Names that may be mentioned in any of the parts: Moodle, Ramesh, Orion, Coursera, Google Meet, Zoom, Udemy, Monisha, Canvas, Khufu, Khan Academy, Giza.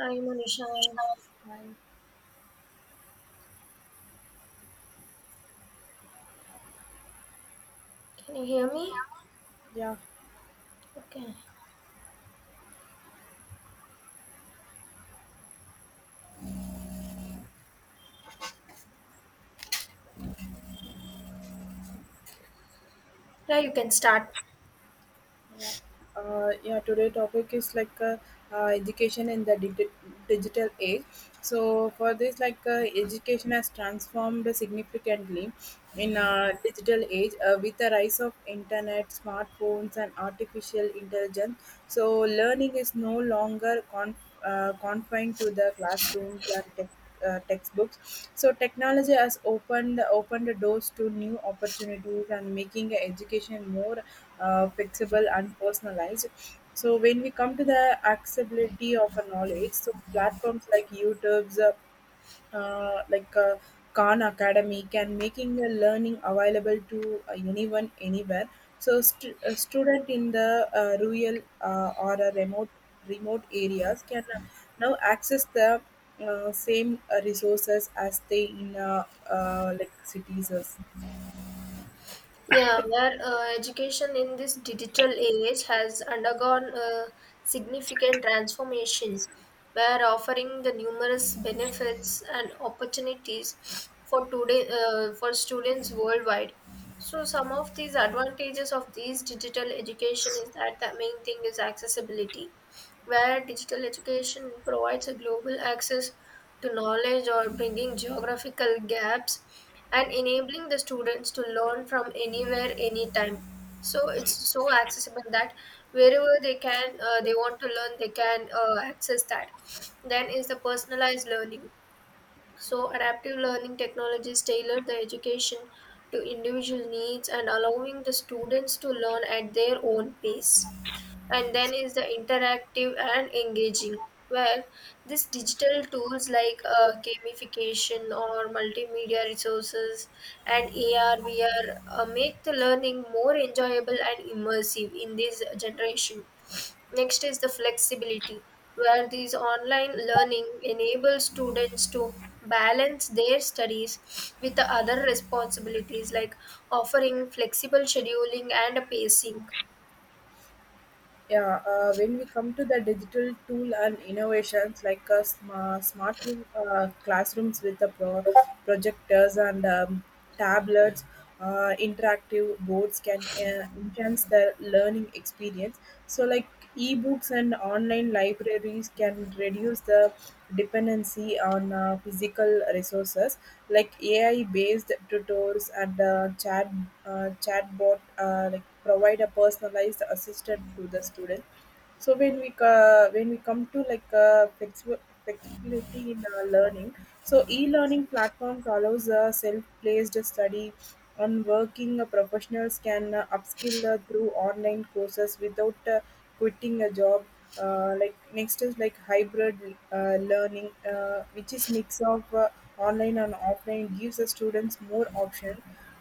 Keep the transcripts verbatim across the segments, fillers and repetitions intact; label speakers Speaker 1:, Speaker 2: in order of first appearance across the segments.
Speaker 1: Hi, Monisha. Can you hear me? Okay. Yeah, you can start.
Speaker 2: Yeah, uh, yeah. Today topic is like uh, uh, education in the digi- digital age. So for this, like uh, education has transformed significantly in uh, digital age uh, with the rise of internet, smartphones, and artificial intelligence. So learning is no longer con- uh, confined to the classrooms and tech uh, textbooks. So technology has opened opened doors to new opportunities and making education more uh, flexible and personalized. So when we come to the accessibility of a knowledge, so platforms like YouTube's uh, uh, like uh, Khan Academy can making the learning available to uh, anyone anywhere. So st- a student in the uh, rural uh, or a remote remote areas can uh, now access the uh, same uh, resources as they in uh, uh, like cities.
Speaker 1: Yeah, where uh, Education in this digital age has undergone a significant transformation, where offering the numerous benefits and opportunities for today uh, for students worldwide. So some of these advantages of these digital education is that the main thing is accessibility, where digital education provides a global access to knowledge or bringing geographical gaps and enabling the students to learn from anywhere anytime, so it's so accessible that wherever they can uh, they want to learn, they can uh, access that. Then is the personalized learning. So adaptive learning technologies tailor the education to individual needs and allowing the students to learn at their own pace. And then is the interactive and engaging, where these digital tools like uh, gamification or multimedia resources and ar vr uh, make the learning more enjoyable and immersive in this generation. Next is the flexibility, where these online learning enables students to balance their studies with the other responsibilities, like offering flexible scheduling and pacing.
Speaker 2: Yeah, uh, when we come to the digital tool and innovations like uh, sma- smart room, uh, classrooms with the pro- projectors and um, tablets, uh, interactive boards can uh, enhance the learning experience. So, like e-books and online libraries can reduce the dependency on uh, physical resources like A I based tutors and uh, chat uh, chatbot uh, like provide a personalized assistant to the student. So when we uh, when we come to like uh, flexi- flexibility in uh, learning, so e-learning platforms allows uh, self-placed study and working uh, professionals can uh, upskill uh, through online courses without uh, quitting a job. Uh, like next is like hybrid uh, learning, uh, which is mix of uh, online and offline, gives the students more option.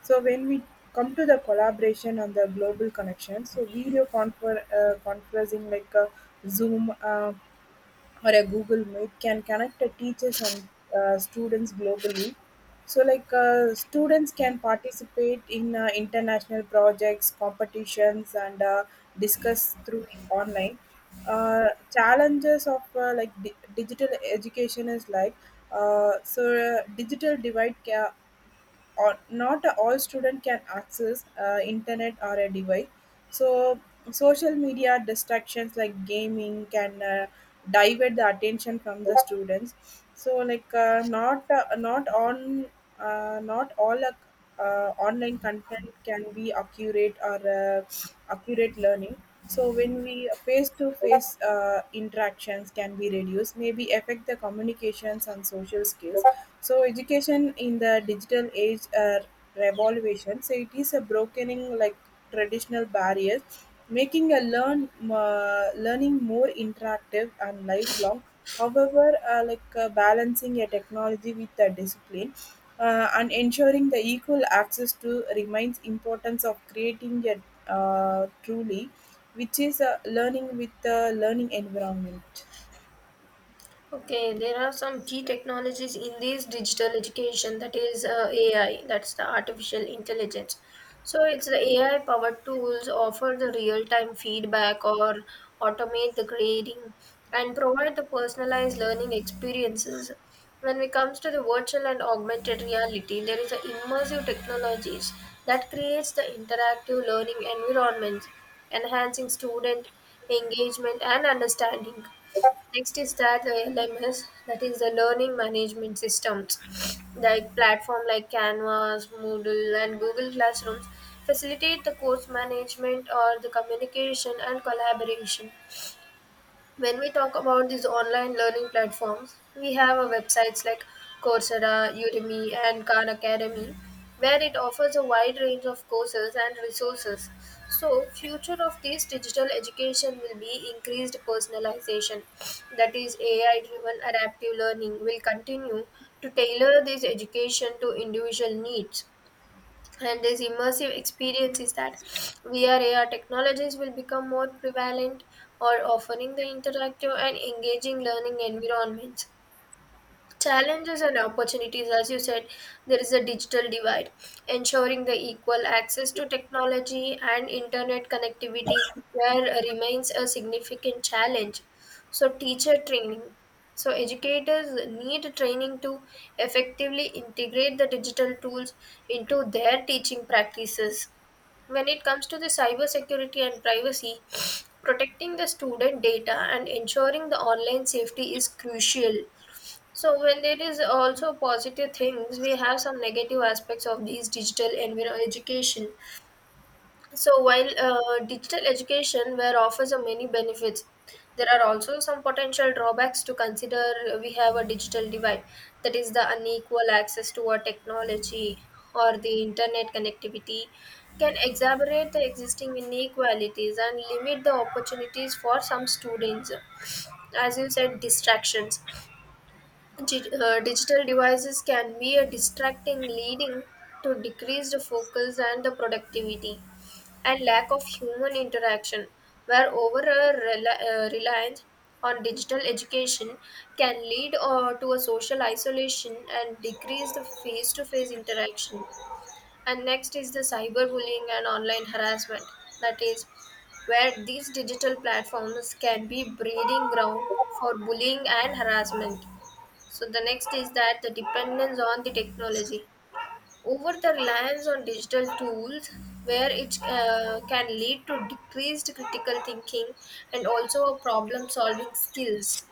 Speaker 2: So when we come to the collaboration and the global connection, so video confer- uh, conferencing like a Zoom uh, or a Google Meet can connect the teachers and uh, students globally. So like uh, students can participate in uh, international projects, competitions, and uh, discuss through online. Uh, challenges of uh, like di- digital education is like uh, so uh, digital divide ca- or not all student can access uh, internet or a device. So social media distractions like gaming can uh, divert the attention from the students. So like uh, not uh, not on uh, not all uh, uh, online content can be accurate or uh, accurate learning. So when we face to face interactions can be reduced maybe affect the communications and social skills. So education in the digital age uh, revolution, so it is a brokening like traditional barriers, making a learn uh, learning more interactive and lifelong. However, uh, like uh, balancing a technology with a discipline uh, and ensuring the equal access to remains importance of creating a uh, truly, which is a learning with the learning environment.
Speaker 1: Okay, there are some key technologies in this digital education, that is uh, A I, that's the artificial intelligence. So it's the A I powered tools offer the real time feedback or automate the grading and provide the personalized learning experiences. When it comes to the virtual and augmented reality, there is the immersive technologies that creates the interactive learning environments, enhancing student engagement and understanding. Next is that the L M S, that is the learning management systems, like platform like Canvas, Moodle, and Google Classrooms facilitate the course management or the communication and collaboration. When we talk about these online learning platforms, we have a websites like Coursera, Udemy, and Khan Academy, where it offers a wide range of courses and resources. So, future of this digital education will be increased personalization, that is A I-driven adaptive learning will continue to tailor this education to individual needs, and this immersive experience is that V R A R technologies will become more prevalent or offering the interactive and engaging learning environments. Challenges and opportunities, as you said, there is a digital divide. Ensuring the equal access to technology and internet connectivity where remains a significant challenge. So, teacher training. So, educators need training to effectively integrate the digital tools into their teaching practices. When it comes to the cyber security and privacy, protecting the student data and ensuring the online safety is crucial. So when there is also positive things, we have some negative aspects of these digital environment education. So while uh, digital education where offers a many benefits, there are also some potential drawbacks to consider. We have a digital divide, that is the unequal access to our technology or the internet connectivity can exacerbate the existing inequalities and limit the opportunities for some students. As you said, distractions. Gi- uh, digital devices can be a distracting, leading to decreased focus and the productivity, and lack of human interaction, where over a rela- uh, reliance on digital education can lead uh, to a social isolation and decreased face-to-face interaction. And next is the cyberbullying and online harassment, that is where these digital platforms can be breeding ground for bullying and harassment. So the next is that the dependence on the technology, over the reliance on digital tools, where it uh, can lead to decreased critical thinking and also a problem solving skills.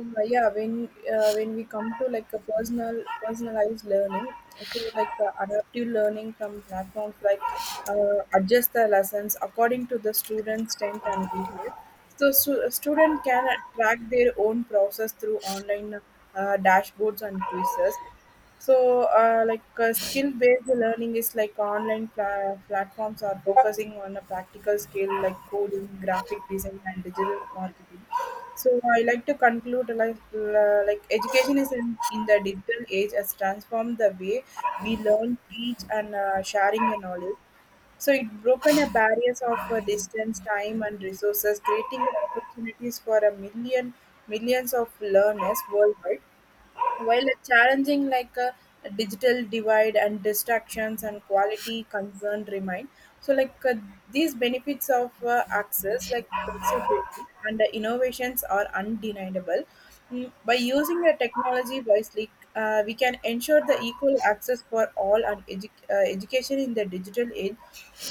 Speaker 2: Uh, yeah, when uh, when we come to like a personal personalized learning, so like uh, adaptive learning from platforms like uh, adjust the lessons according to the student's strength and weakness. So, stu- a student can uh, track their own process through online uh, dashboards and quizzes. So, uh, like uh, skill-based learning is like online pla- platforms are focusing on a practical skill like coding, graphic design, and digital marketing. So I like to conclude like uh, like education is in, in the digital age has transformed the way we learn, teach, and uh, sharing your knowledge. So it broken a barriers of uh, distance, time, and resources, creating opportunities for a million millions of learners worldwide. While challenging like a digital divide and distractions and quality concern remain, so like uh, these benefits of uh, access, like flexibility and uh, innovations are undeniable. Mm, by using the technology wisely, uh, we can ensure the equal access for all and edu- uh, education in the digital age.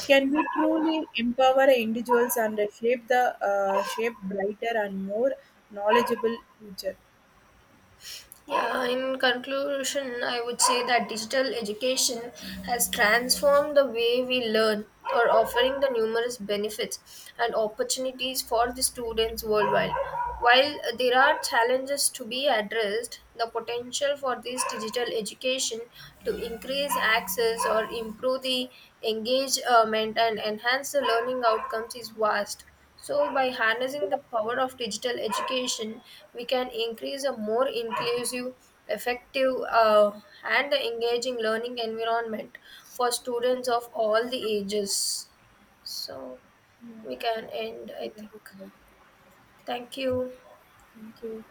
Speaker 2: Can we truly empower individuals and uh, shape the uh, shape brighter and more knowledgeable future?
Speaker 1: Yeah, in conclusion, I would say that digital education has transformed the way we learn or offering the numerous benefits and opportunities for the students worldwide. While there are challenges to be addressed, the potential for this digital education to increase access or improve the engagement and enhance the learning outcomes is vast. So, by harnessing the power of digital education, we can increase a more inclusive, effective, uh, and engaging learning environment for students of all the ages. So, we can end, I think. Thank you.
Speaker 2: Thank you.